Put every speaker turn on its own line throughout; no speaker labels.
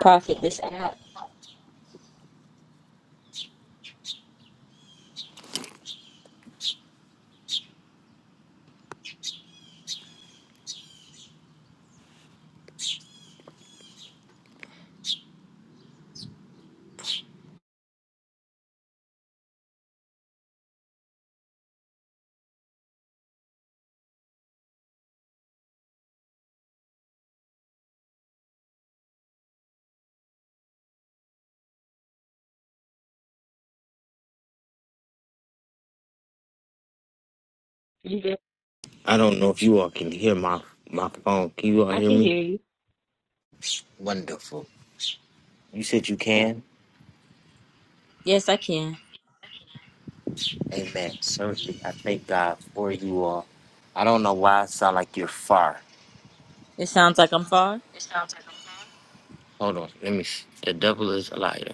Prophet, this app. You there?
I don't know if you all can hear my my phone. Can you all
I
hear
can hear
me?
you.
Wonderful. You said you can?
Yes, I can.
Amen. Certainly. I thank God for you all. I don't know why I sound like you're far.
It sounds like I'm far.
Hold on. Let me see. The devil is a liar.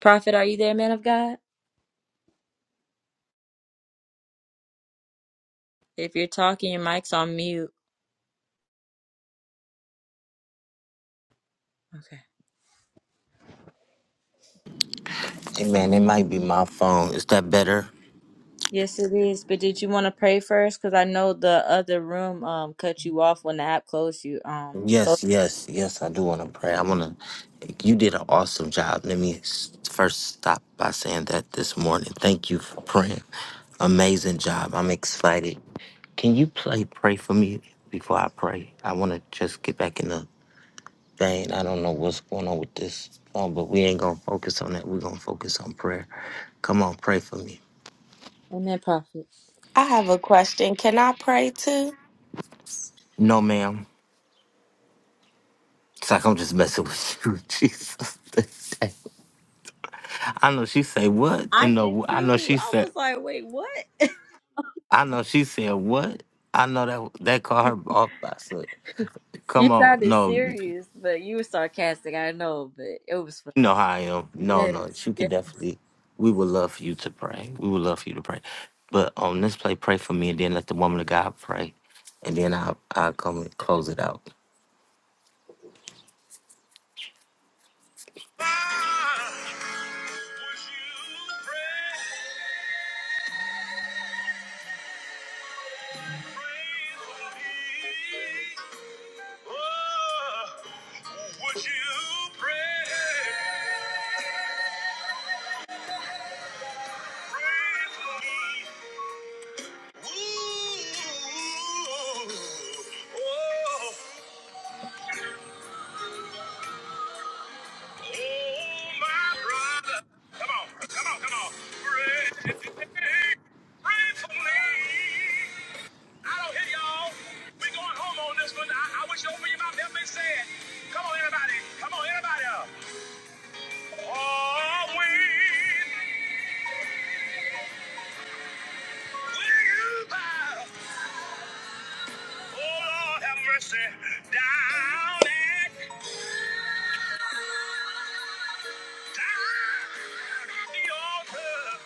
Prophet, are you there, man of God? If you're talking, your mic's on mute. Okay.
Amen. It might be my phone. Is that better?
Yes, it is. But did you want to pray first? Because I know the other room um cut you off when the app closed you. Um. closed-
Yes, yes, yes, I do want to pray. I want to. You did an awesome job. Let me s- first stop by saying that this morning. Thank you for praying. Amazing job. I'm excited. Can you play Pray for Me before I pray? I want to just get back in the vein. I don't know what's going on with this phone, but we ain't going to focus on that. We're going to focus on prayer. Come on, pray for me.
Amen, Prophet.
I have a question. Can I pray too?
No, ma'am. It's like I'm just messing with you, Jesus. I know she say what,
I
and
did
the I know
too.
she
I was
said.
like, wait, what?
I know she said what? I know that that caught her off by slip.
You
Come on,
sounded
no, you
serious, but you were sarcastic. I know, but it was fun.
know how I am. No, no,
Yes,
you can
yes.
definitely. We would love for you to pray. We would love for you to pray. But on this play, pray for me, and then let the woman of God pray, and then I'll I'll come and close it out.
Would you pray? me. I I y'all. this one. wish you open your mouth, help me say it. Come on, everybody. Come on, everybody. up. Or when will you bow? Oh Lord, have mercy. Down at, down at the altar.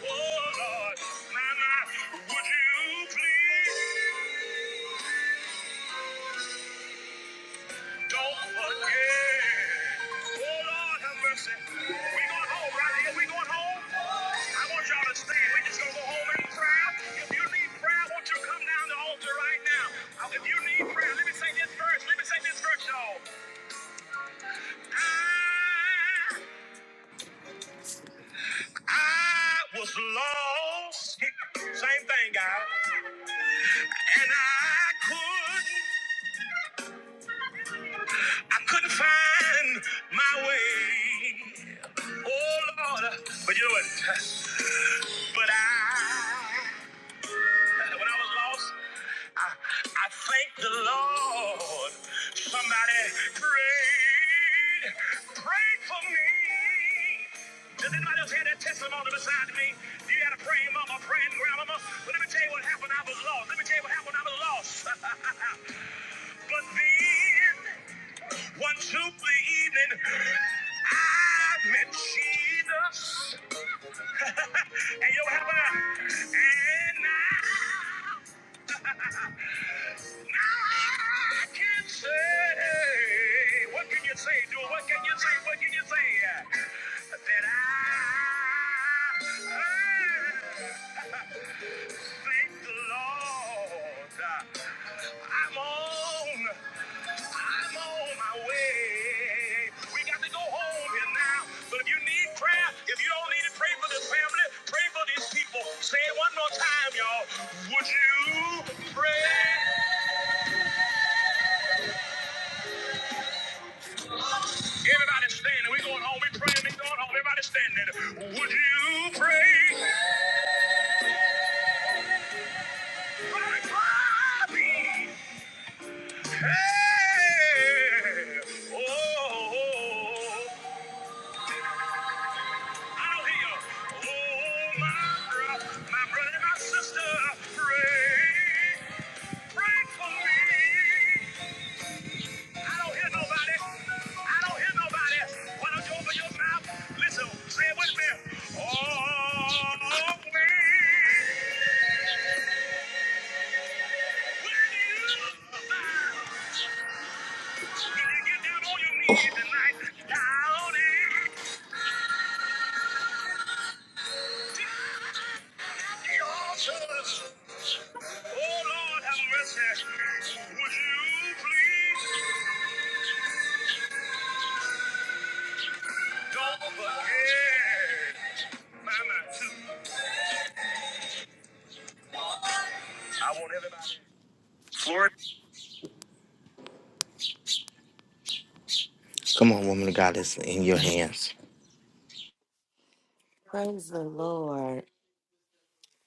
Oh Lord, my, my, would you please? Don't forget. Oh, Lord, have mercy. We going home right here. We going home. I want y'all to stay. We just gonna go home in prayer. If you need prayer, won't you come down the altar right now. Uh, If you need prayer, let me say this verse. Let me say this verse, y'all. I, I was lost. Same thing, guys. And I couldn't. I couldn't find my way. Oh Lord, but you know what? But I, when I was lost, I, I thank the Lord. Somebody prayed, prayed for me. Does anybody else hear that testimony beside me? You had a praying mama, praying grandmama. But let me tell you what happened. I was lost. Let me tell you what happened. I was lost. but then. One two the evening. I met Jesus. and you yo, have a and now, now I can say, what can you say, dude? What can you say? What can you say? That I. I Thank the Lord. I'm on. I'm on my way. We got to go home here now. But if you need prayer, if you don't need to pray for this family, pray for these people. Say it one more time, y'all. Would you pray? Everybody standing. We going home. We praying. We going home. Everybody standing. Would you pray? Pray for me. Hey, oh, Oh, I I don't don't don't hear hear nobody. nobody. my my my brother, brother, sister, pray, pray for me. me, Why you you you open your mouth? Listen, say it with me. Oh, When you, when you get Down on your knees tonight, down at the altar. Oh Lord, have mercy. Would you please don't forget Mama too? I want everybody. Florida.
Come on, woman of God, it's in your hands.
Praise the Lord.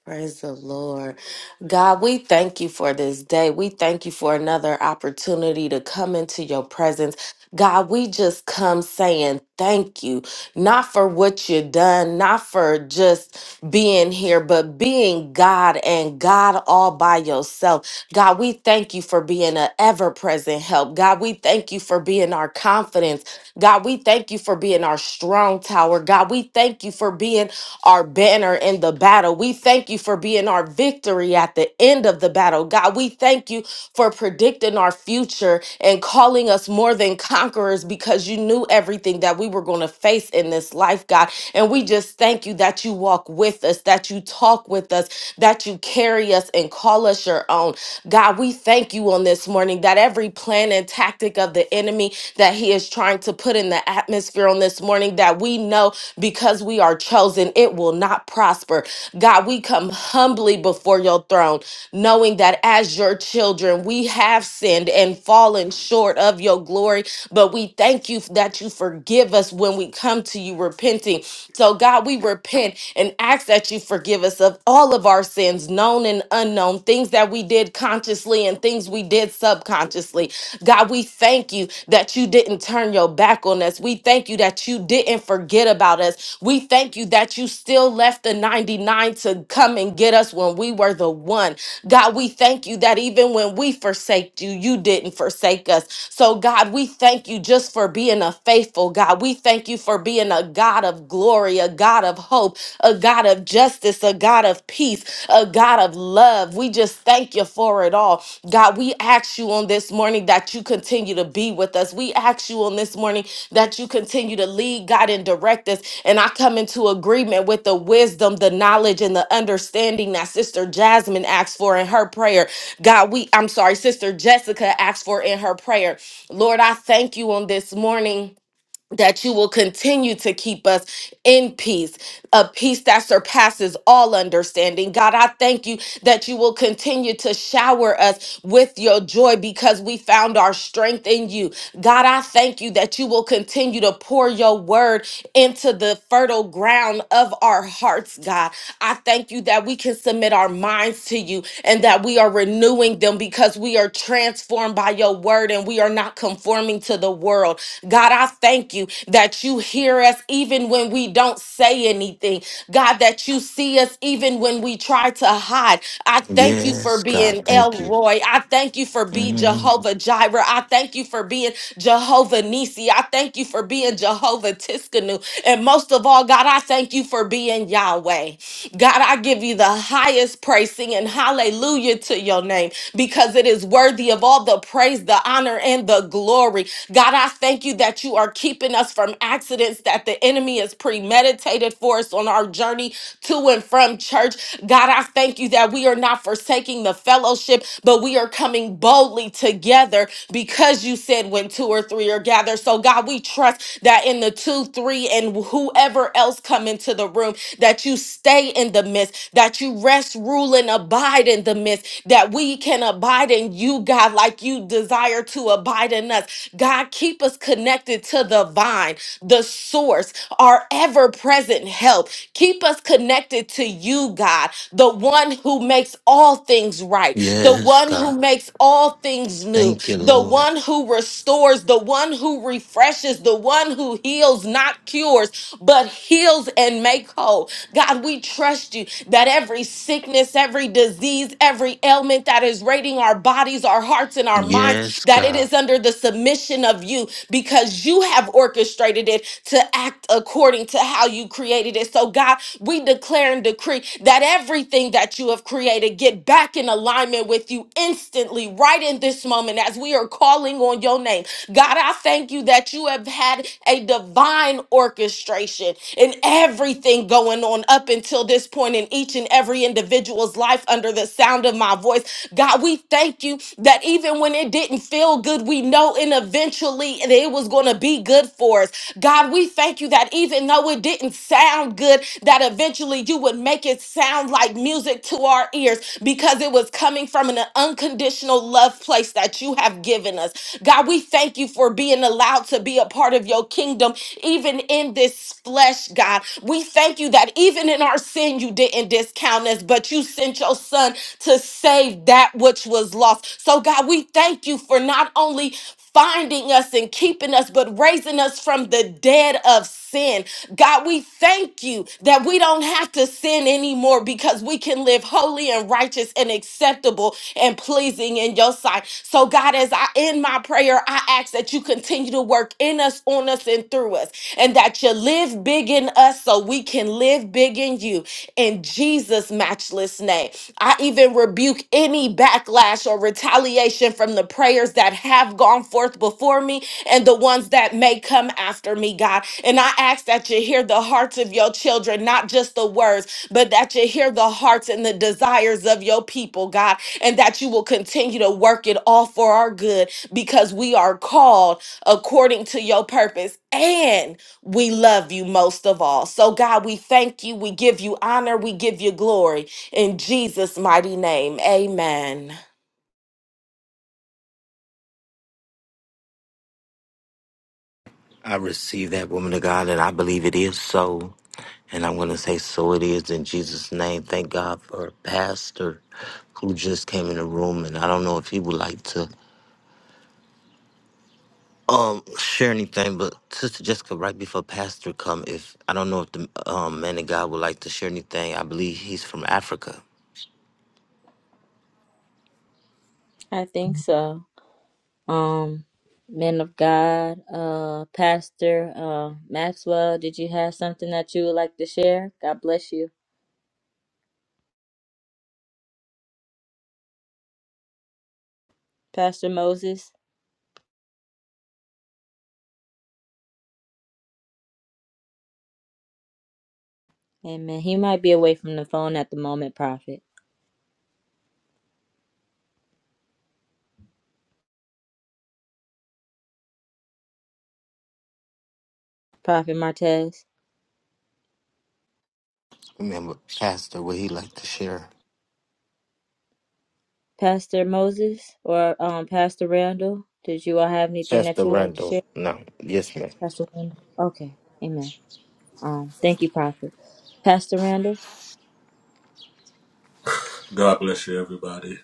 Praise the Lord. God, we thank you for this day. We thank you for another opportunity to come into your presence. God, we just come saying thank you, not for what you have done, not for just being here, but being God and God all by yourself. God, we thank you for being an ever present help. God, we thank you for being our confidence. God, we thank you for being our strong tower. God, we thank you for being our banner in the battle. We thank you for being our victory at the end of the battle. God, we thank you for predicting our future and calling us more than conquerors because you knew everything that we were going to face in this life, God. And we just thank you that you walk with us, that you talk with us, that you carry us and call us your own. God, we thank you on this morning that every plan and tactic of the enemy that he is trying to put in the atmosphere on this morning, that we know because we are chosen, it will not prosper. God, we come humbly before your throne, knowing that as your children, we have sinned and fallen short of your glory, but we thank you that you forgive us when we come to you to you repenting. So, God, we repent and ask that you forgive us of all of our sins, known and unknown, things that we did consciously and things we did subconsciously. God, we thank you that you didn't turn your back on us. We thank you that you didn't forget about us. We thank you that you still left the 99 to come and get us when we were the one. God, we thank you that even when we forsake you, you didn't forsake us. So, God, we thank you just for being a faithful God. We thank you for being a God of glory, a God of hope, a God of justice, a God of peace, a God of love. We just thank you for it all. God, we ask you on this morning that you continue to be with us. We ask you on this morning that you continue to lead, God, and direct us. And I come into agreement with the wisdom, the knowledge, and the understanding that Sister Jasmine asked for in her prayer. God, we, I'm sorry, Sister Jessica asked for in her prayer. Lord, I thank you on this morning that you will continue to keep us in peace, a peace that surpasses all understanding. God, I thank you that you will continue to shower us with your joy because we found our strength in you. God, I thank you that you will continue to pour your word into the fertile ground of our hearts, God. I thank you that we can submit our minds to you and that we are renewing them because because we are transformed by your word and we are not conforming to the world. God, I thank you that you hear us even when we don't say anything. God, that you see us even when we try to hide. I thank you for
Yes, God,
being
thank you.
Elroy. I thank you for being
Mhm.
Jehovah Jireh. I thank you for being Jehovah Nisi. I thank you for being Jehovah Tiskanu. And most of all, God, I thank you for being Yahweh away. God, I give you the highest praise, singing hallelujah to your name because it is worthy of all the praise, the honor, and the glory. God, I thank you that you are keeping us from accidents that the enemy has premeditated for us on our journey to and from church. God, I thank you that we are not forsaking the fellowship, but we are coming boldly together because you said when two or three are gathered together. So, God, we trust that in the two, three, and whoever else come into the room, that you stay in the midst, that you rest, rule, and abide in the midst, that we can abide in you, God, like you desire to abide in us. God, keep us connected to the vine, the source, our ever present help. Keep us connected to you, God, the one who makes all things right, the
Yes,
one who
God,
makes all things new,
thank you,
the
Lord.
one who restores, the one who refreshes, the one who heals, not cures, but heals and make whole. God, we trust you that every sickness, every disease, every ailment that is raiding our bodies, our hearts, and our minds,
Yes,
that it
God.
is under the submission of you because you have orchestrated it to act according to how you created it. So, God, we declare and decree that everything that you have created get back in alignment with you instantly instantly, right in this moment, as we are calling on your name. God, I thank you that you have had a divine orchestration in everything going on up until this point in each and every individual's life under the sound of my voice. God, we thank you that even when it didn't feel good, we know and eventually that it was going to be good for us. God, we thank you that even though it didn't sound good, that eventually you would make it sound like music to our ears because it was coming from an unconditional love place that you have given us. God, we thank you for being allowed to be a part of your kingdom, even in this flesh, God. We thank you that even in our sin, you didn't discount us, but you sent your son to save that which was lost. So, God, we thank you for not only finding us and keeping us, but raising us from the dead of sin. God, we thank you that we don't have to sin anymore because we can live holy and righteous and acceptable and pleasing in your sight. So, God, as I end my prayer, I ask that you continue to work in us, on us, and through us and that you live big in us so we can live big in you in Jesus' matchless name. I even rebuke any backlash or retaliation from the prayers that have gone forth before me and the ones that may come after me, God. And I ask that you hear the hearts of your children, not just the words, but that you hear the hearts and the desires of your people, God, and that you will continue to work it all for our good because we are called according to your purpose. And we love you most of all. So, God, we thank you. We give you honor. We give you glory. In Jesus' mighty name, amen.
I receive that woman of God, and I believe it is so. And I'm going to say, so it is in Jesus' name. Thank God for a pastor who just came in the room, and I don't know if he would like to um share anything. But Sister Jessica, right before Pastor come, if I don't know if the um, man of God would like to share anything, I believe he's from Africa.
I think so. Um, men of God, uh, Pastor uh, Maxwell, did you have something that you would like to share? God bless you, Pastor Moses. Amen. He might be away from the phone at the moment, Prophet. Prophet Martez,
Remember, Pastor, would he like to share?
Pastor Moses, or um, Pastor Randall. Did you all have anything that
Pastor
you would like to share?
Randall, no, yes, ma'am.
Pastor Randall. Okay. Amen. Um, thank you, Prophet. Pastor Randall,
God bless you, everybody.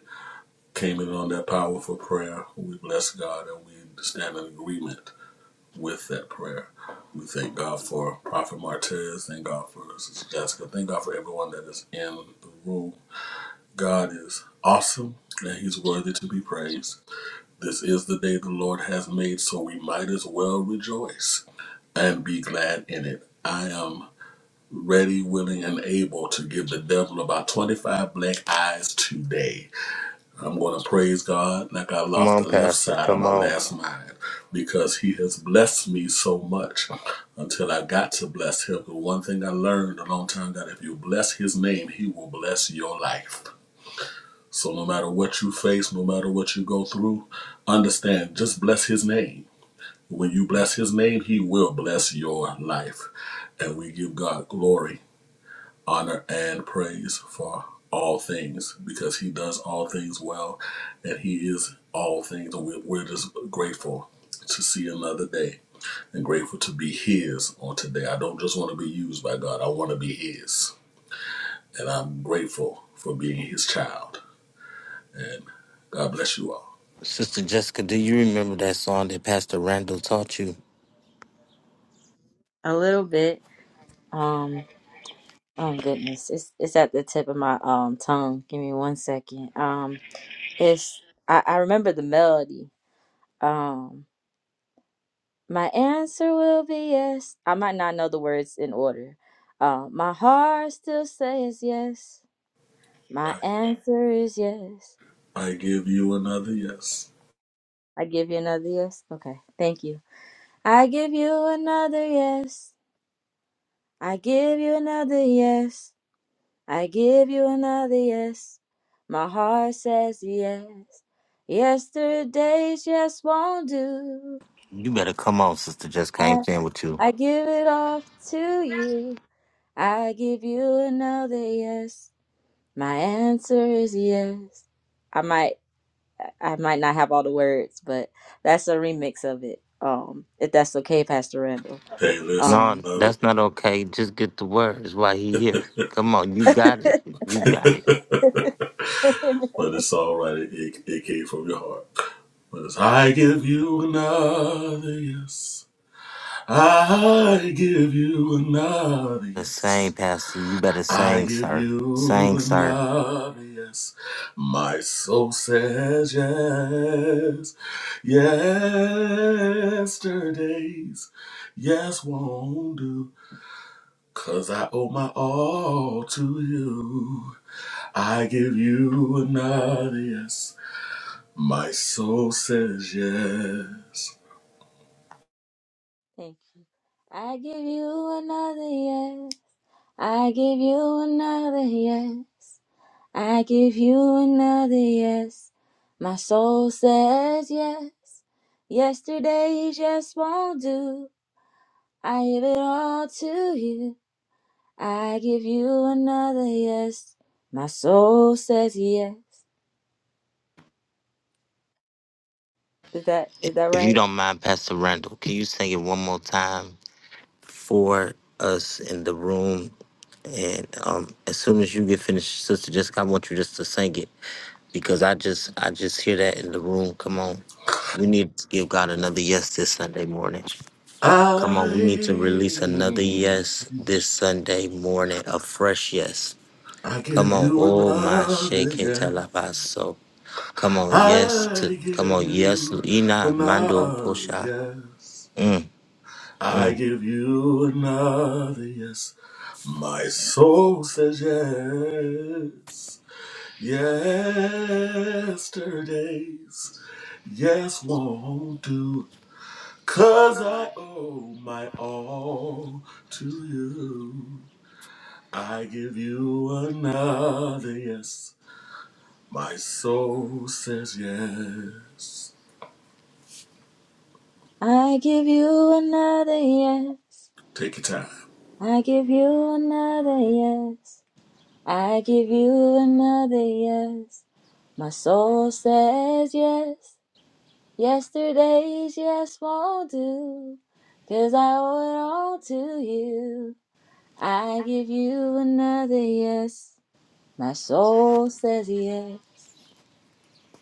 Came in on that powerful prayer. We bless God and we stand in agreement with that prayer. We thank God for Prophet Martez. Thank God for Sister Jessica. Thank God for everyone that is in the room. God is awesome and He's worthy to be praised. This is the day the Lord has made, so we might as well rejoice and be glad in it. I am ready, willing, and able to give the devil about 25 black eyes today I'm going to praise God like I
Come
lost
on,
the left
Pastor,
side of
come
my
on.
last mind because He has blessed me so much until I got to bless Him. But one thing I learned a long time that if you bless His name, He will bless your life. So no matter what you face, no matter what you go through, understand just bless His name. When you bless His name, He will bless your life. And we give God glory honor and praise for all things because he does all things well and he is all things and we're, just grateful to see another day and grateful to be his on today i don't just want to be used by god i want to be his and i'm grateful for being his child and god bless you all
Sister Jessica, do you remember that song that Pastor Randall taught you?
a little bit. Um, oh goodness, it's it's at the tip of my um tongue. Give me one second. Um, it's I, I remember the melody. Um, my answer will be yes. I might not know the words in order. Uh, my heart still says yes. My
i,
answer is yes.
I give you another yes
I give you another yes. Okay, thank you. I give you another yes. I give you another yes. I give you another yes. My heart says yes. Yesterday's yes won't do.
You better come on, sister. Just came
I,
in with you.
I give it all to you. I give you another yes. My answer is yes. I might I might not have all the words, but that's a remix of it. Um, if that's okay, Pastor Randall.
hey listen
No,
Um,
i love
that's not okay. Just get the word. That's why he here. Come on, you
Thank
got it. You got it.
it But it's all right. It, it, it came from your heart. But it's, I give you another yes. I give you another
The same,
yes.
Pastor. You better
I
sing,
give
sir.
you
Sing, sir.
another yes. My soul says yes. Yesterday's yes won't do. 'Cause I owe my all to you. I give you another yes. My soul says yes.
you. I give you another yes. I give you another yes. I give you another yes. My soul says yes. Yesterday's yes won't do. I give it all to you. I give you another yes. My soul says yes. Is that is that
If you
right?
don't mind, Pastor Randall, can you sing it one more time for us in the room? And um, as soon as you get finished, sister, just I want you just to sing it because I just I just hear that in the room. Come on, we need to give God another yes this Sunday morning. Come on, we need to release another
I
yes this Sunday morning, a fresh yes.
I
Come
give
on,
you
oh my
another
shake it
yes.
alabaso. Come on, yes
I
to come
give
on, yes,
you
Ina Mando
another
Posha.
yes. I give you another yes. My soul says yes. Yesterday's yes won't do Cause I owe my all to you. I give you another yes. My soul says yes.
I give you another yes.
Take your time.
I give you another yes. I give you another yes. My soul says yes, yesterday's yes won't do, 'cause I owe it all to you. I give you another yes. My soul says yes.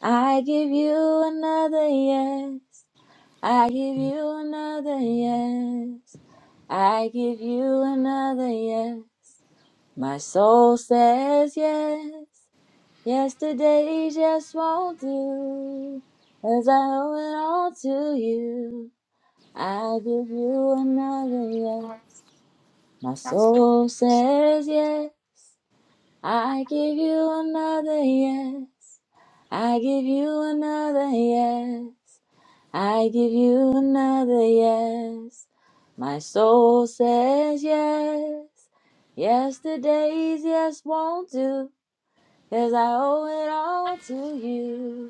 I give you another yes. I give you another yes. I give you another yes. My soul says yes. Yesterday just won't do. As I owe it all to you, I give you another yes. My soul says yes. I give you another yes. I give you another yes. I give you another yes. My soul says yes. Yesterday's yes won't do, 'cause I owe it all to you.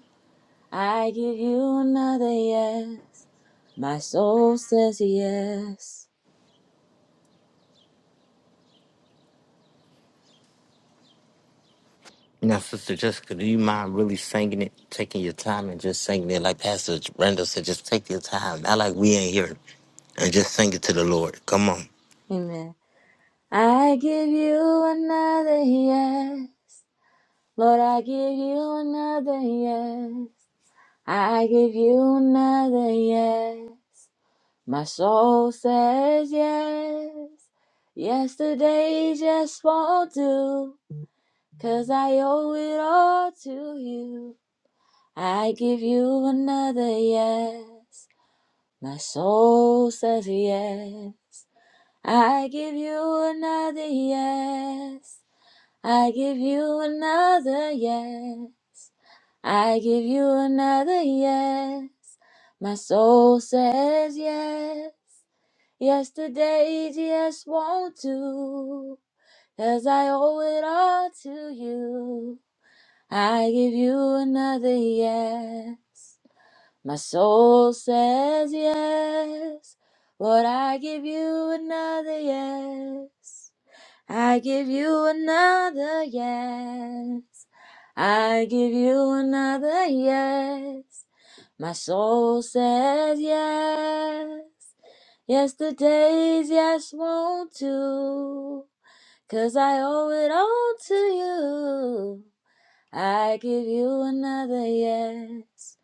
I give you another yes. My soul says yes.
Now, Sister Jessica, do you mind really singing it, taking your time and just singing it like Pastor Randall said, just take your time. Not like we ain't here and just sing it to the Lord. Come on.
Amen. I give you another yes. Lord, I give you another yes. I give you another yes. My soul says yes. Yesterday's just won't do, 'cause I owe it all to you. I give you another yes. My soul says yes. I give you another yes. I give you another yes. I give you another yes. My soul says yes. Yesterday's yes won't do, 'cause I owe it all to you. I give you another yes. My soul says yes. Lord, I give you another yes. I give you another yes. I give you another yes. My soul says yes. Yesterday's yes won't do. 'cause I owe it all to you. I give you another yes.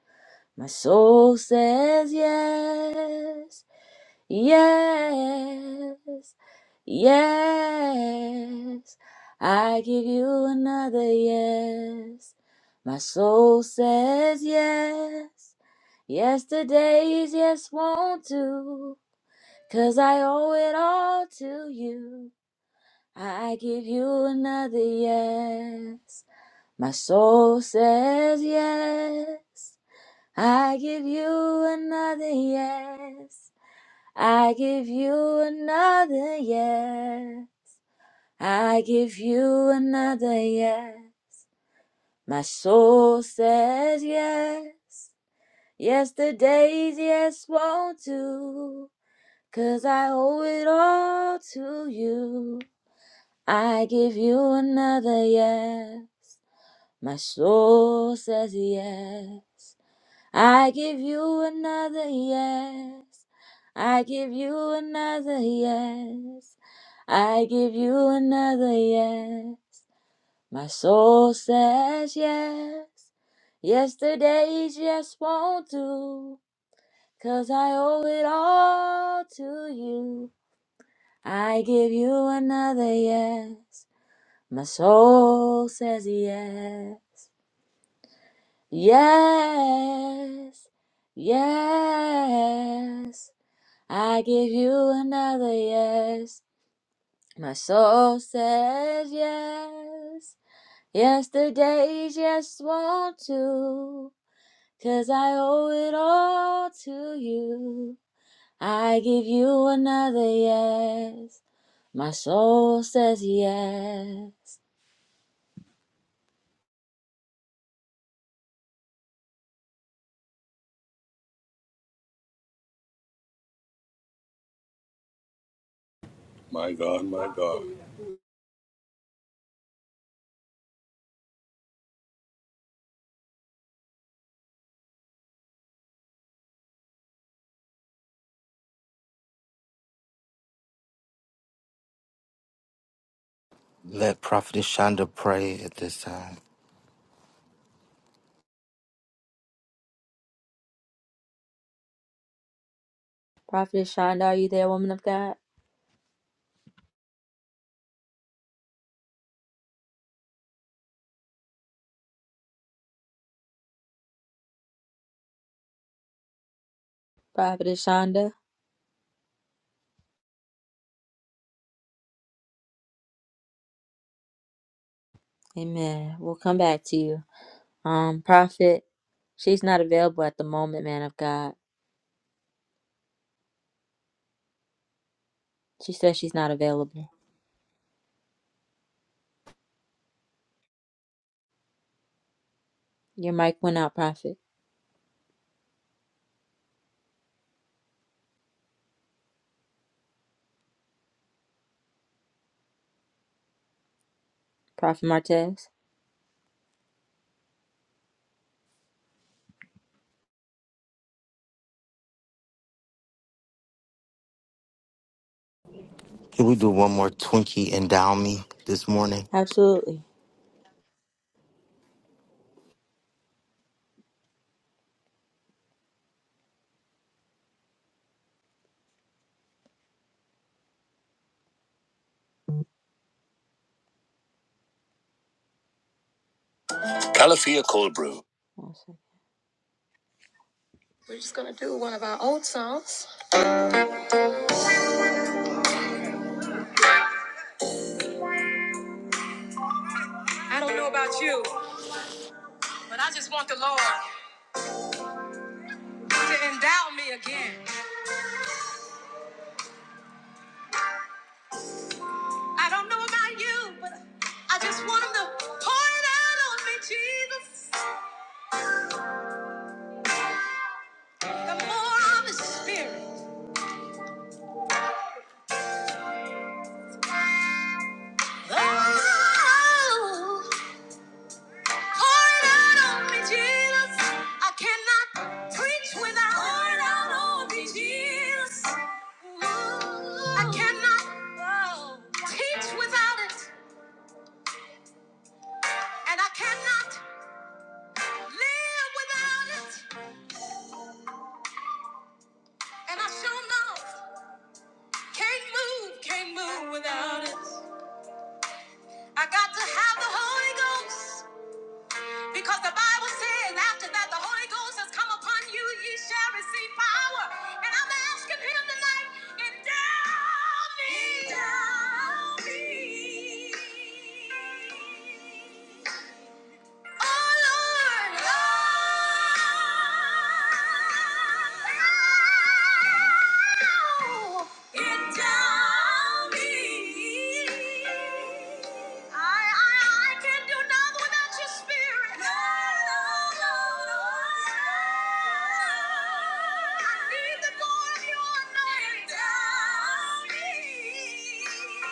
My soul says yes, yes, yes. I give you another yes. My soul says yes. Yesterday's yes won't do. 'cause I owe it all to you. I give you another yes. My soul says yes. I give you another yes. I give you another yes. I give you another yes. My soul says yes. Yesterday's yes won't do. 'cause I owe it all to you. I give you another yes. My soul says yes. I give you another yes. I give you another yes. I give you another yes. My soul says yes. Yesterday's yes won't do. 'cause I owe it all to you. I give you another yes. My soul says yes. Yes. Yes. I give you another yes. My soul says yes. Yesterday's yes won't do, 'cause I owe it all to you. I give you another yes. My soul says yes.
My God, my God.
Let Prophetess Shonda pray at this time.
Prophet Shonda, are you there, woman of God? Prophet Shonda? Amen. We'll come back to you. Um, Prophet, she's not available at the moment, man of God. She says she's not available. Your mic went out, Prophet. Prophet Martez.
Can we do one more Twinkie and Down Me this morning?
Absolutely. Calafia Cold Brew. Awesome. We're just gonna do one of our old songs. I don't know about you, but I just want the Lord to endow me again. I don't know about you, but I just want Him to pour it out on me, Jesus. The more of His Spirit. Oh. Pour it out on me, Jesus. I cannot preach without pour it out on me, Jesus. I cannot oh, teach without it, and I cannot live without it, and I sure know can't move, can't move without it. I got to have the Holy Ghost. Because the Bible says after that the Holy Ghost has come upon you, ye shall receive power. And I'm asking him tonight, endow me. Endow me. Spirit.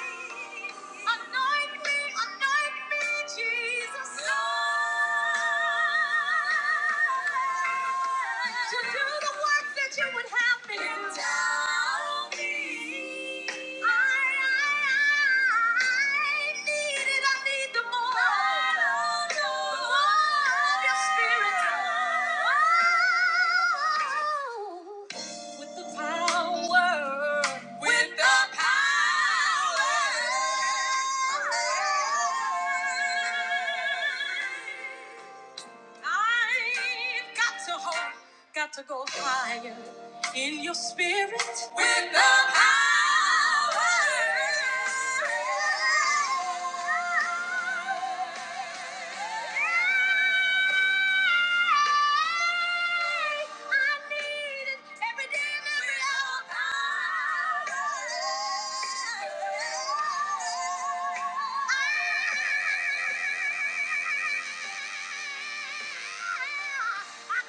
Anoint me, anoint me, Jesus. To do the work that you would have me to do. Endow me. I, I, I need it. I need the more. The more of your spirit. Oh. With the power. With the power. I've got to hold, got to go higher in your spirit with the power.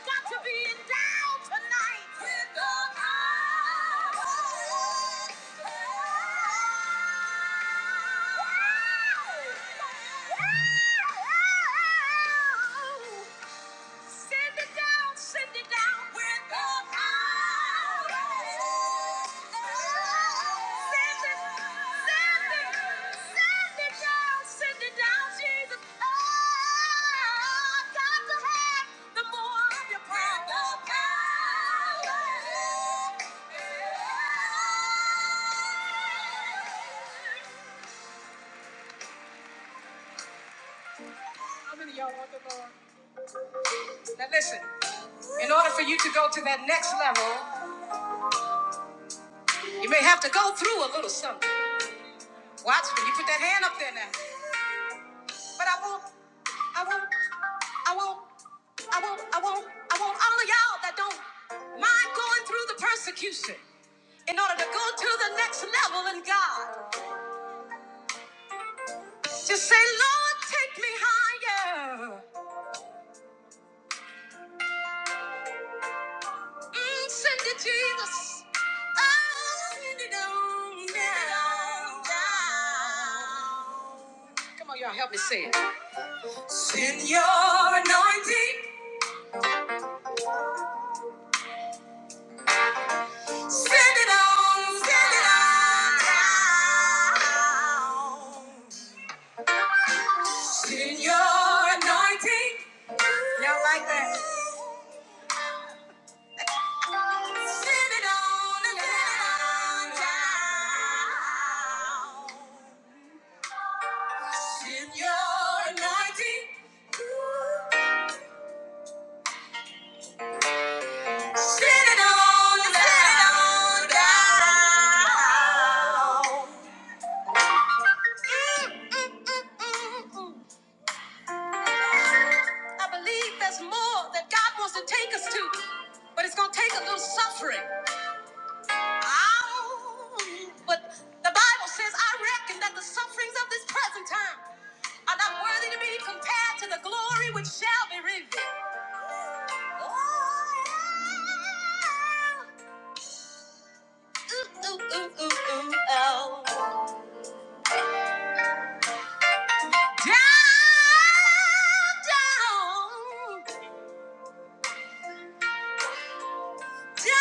Got to be endowed tonight. Send it down, send it down with the power. Send it, send it, send it down, send it down, Jesus. Oh, got to have the more of your power. How many y'all want the Lord? Now listen, in order for you to go to that next level, you may have to go through a little something. Watch me. You put that hand up there now. But I want, I want, I want, I want, I want, I want all of y'all that don't mind going through the persecution in order to go to the next level in God. Just say, Lord, take me higher. Mm, send it, Jesus. Oh, send it on down. Come on, y'all, help me say it. Send your anointing. Send it on, send it on now. Send your anointing. Y'all like that? Send it on, and send it on now. Send your anointing. Send it on, and send it on down. Mm, mm, mm, mm, mm. I believe there's more that God wants to take us to, but it's going to take a little suffering. Ow! But the Bible says, I reckon that the sufferings of this present time are not worthy to be compared to the glory which shall be revealed. Oh, yeah. Ooh, ooh, ooh, ooh, ooh, oh. Down, down. Just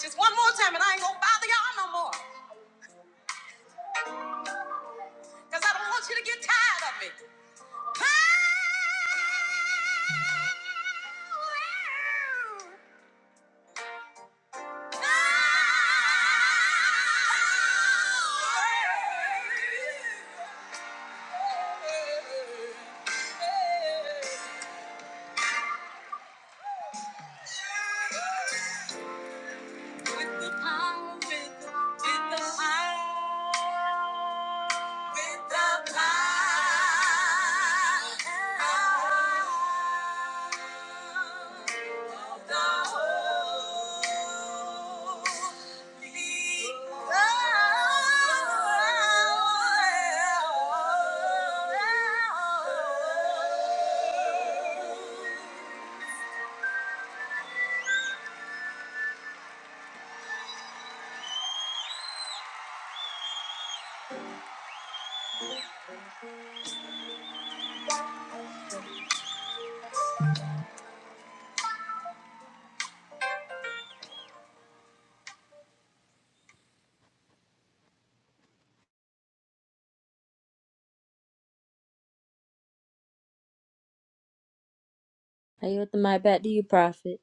just one more time and I ain't gonna bother y'all no more. Cause I don't want you to get tired of me. Power! Power! I yield the mic back to you, Prophet.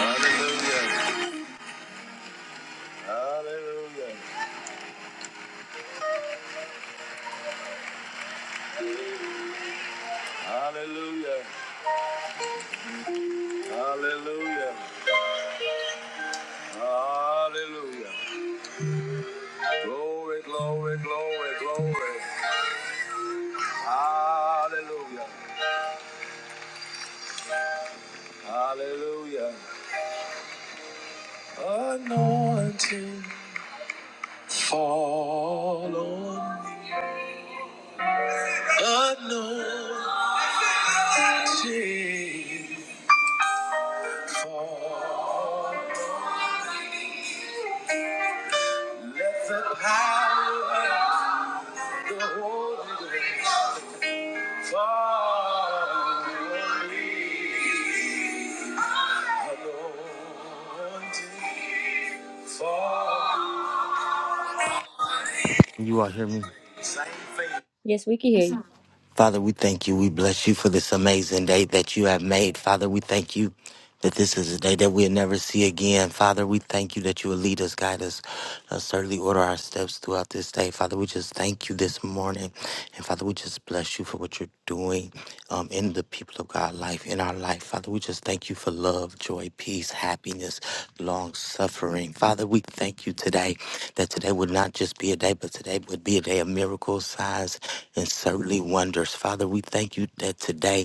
Hallelujah. Hallelujah. Hallelujah. Hallelujah. Hallelujah. Glory, glory, glory, glory. Hallelujah. Hallelujah. Anointing fall on me. Anointing fall. Let the power of the Holy Ghost fall on me. Anointing fall.
Can you all hear me?
Same thing. Yes, we can hear you.
Father, we thank you. We bless you for this amazing day that you have made. Father, we thank you that this is a day that we'll never see again. Father, we thank you that you will lead us, guide us, uh, certainly order our steps throughout this day. Father, we just thank you this morning. And Father, we just bless you for what you're doing um, in the people of God life, in our life. Father, we just thank you for love, joy, peace, happiness, long suffering. Father, we thank you today that today would not just be a day, but today would be a day of miracles, signs, and certainly wonders. Father, we thank you that today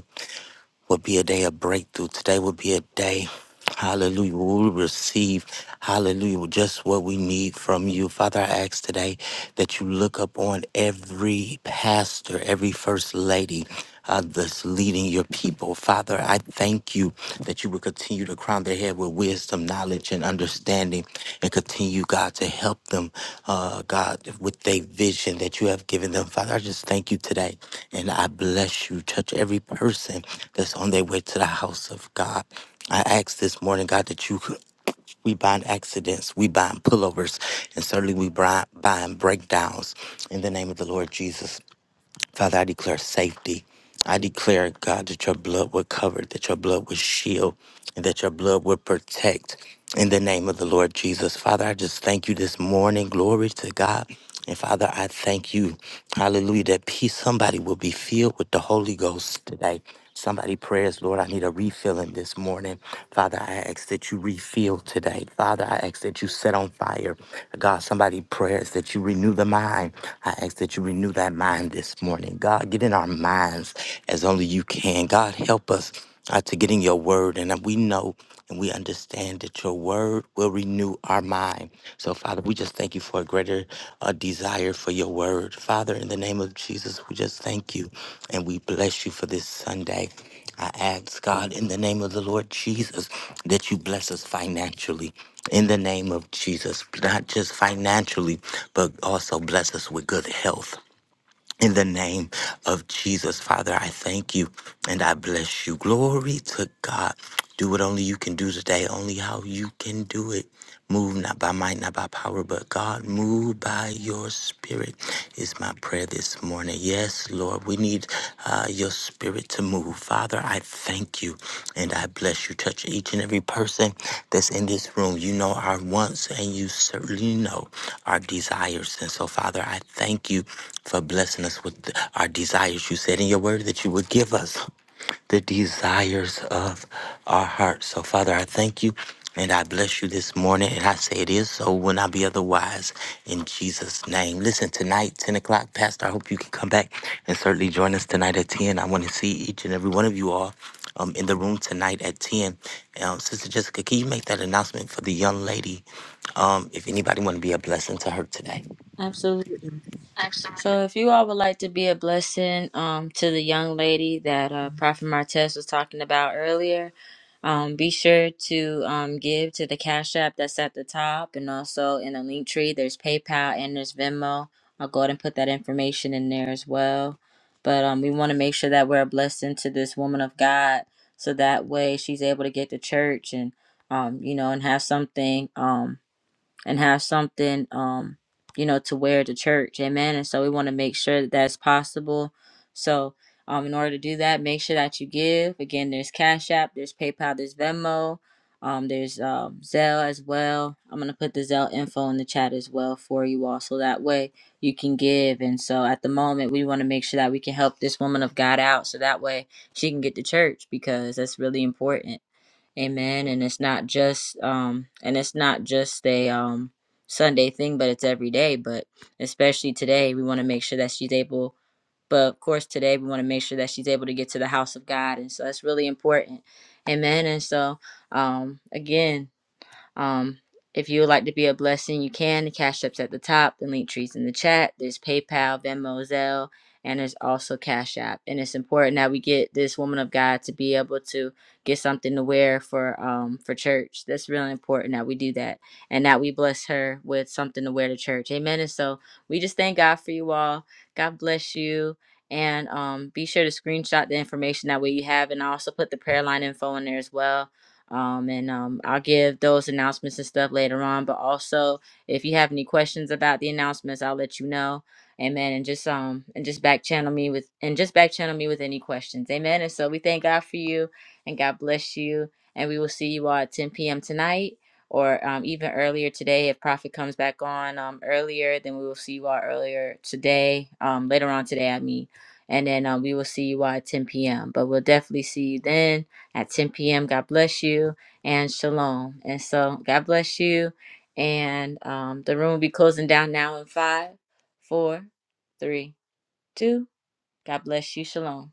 would be a day of breakthrough. Today would be a day, hallelujah, where we receive, hallelujah, just what we need from you. Father, I ask today that you look upon every pastor, every first lady. Uh, that's leading your people. Father, I thank you that you will continue to crown their head with wisdom, knowledge, and understanding, and continue, God, to help them, uh, God, with their vision that you have given them. Father, I just thank you today and I bless you. Touch every person that's on their way to the house of God. I ask this morning, God, that you could, we bind accidents, we bind pullovers, and certainly we bind, bind breakdowns in the name of the Lord Jesus. Father, I declare safety. I declare, God, that your blood would cover, that your blood would shield, and that your blood would protect in the name of the Lord Jesus. Father, I just thank you this morning. Glory to God. And Father, I thank you, hallelujah, that peace, somebody will be filled with the Holy Ghost today. Somebody prayers, Lord, I need a refilling this morning. Father, I ask that you refill today. Father, I ask that you set on fire. God, somebody prayers that you renew the mind. I ask that you renew that mind this morning. God, get in our minds as only you can. God, help us uh, to get in your word. And we know and we understand that your word will renew our mind. So, Father, we just thank you for a greater uh, desire for your word. Father, in the name of Jesus, we just thank you and we bless you for this Sunday. I ask God in the name of the Lord Jesus that you bless us financially. In the name of Jesus, not just financially, but also bless us with good health. In the name of Jesus, Father, I thank you and I bless you. Glory to God. Do what only you can do today, only how you can do it. Move not by might, not by power, but God, move by your spirit is my prayer this morning. Yes, Lord, we need uh, your spirit to move. Father, I thank you and I bless you. Touch each and every person that's in this room. You know our wants and you certainly know our desires. And so, Father, I thank you for blessing us with our desires. You said in your word that you would give us the desires of our hearts. So, Father, I thank you and I bless you this morning. And I say it is so, will not be otherwise in Jesus' name. Listen, tonight, 10 o'clock, Pastor, I hope you can come back and certainly join us tonight at 10. I want to see each and every one of you all um, in the room tonight at 10. Um, Sister Jessica, can you make that announcement for the young lady? Um, if anybody want to be a blessing to her today.
Absolutely. So, if you all would like to be a blessing um, to the young lady that uh, Prophet Martez was talking about earlier, um, be sure to um, give to the Cash App that's at the top, and also in the link tree, there's PayPal and there's Venmo. I'll go ahead and put that information in there as well. But um, we want to make sure that we're a blessing to this woman of God, so that way she's able to get to church and um, you know, and have something. Um, and have something um you know to wear to church amen and so we want to make sure that that's possible so um in order to do that make sure that you give again there's cash app there's paypal there's venmo um there's um zelle as well i'm going to put the zelle info in the chat as well for you all so that way you can give and so at the moment we want to make sure that we can help this woman of god out so that way she can get to church because that's really important Amen. And it's not just um and it's not just a um Sunday thing, but it's every day. But especially today, we want to make sure that she's able but of course, today we want to make sure that she's able to get to the house of God. And so that's really important. Amen. And so, um, again, um, if you would like to be a blessing, you can. The Cash App's at the top, the link tree's in the chat. There's PayPal, Venmo, Zelle, and there's also Cash App. And it's important that we get this woman of God to be able to get something to wear for um for church. That's really important that we do that and that we bless her with something to wear to church. Amen. And so we just thank God for you all. God bless you. And um, be sure to screenshot the information that way you have, and I also put the prayer line info in there as well um, and um, I'll give those announcements and stuff later on. But also, if you have any questions about the announcements, I'll let you know. Amen. And just um and just back channel me with and just back channel me with any questions. Amen. And so we thank God for you and God bless you. And we will see you all at 10 p.m. tonight or um, even earlier today if Prophet comes back on um, earlier. Then we will see you all earlier today. Um, later on today, I mean. And then um, we will see you all at 10 p.m. But we'll definitely see you then at 10 p.m. God bless you and shalom. And so, God bless you. And um, the room will be closing down now in five, four, three, two. God bless you. Shalom.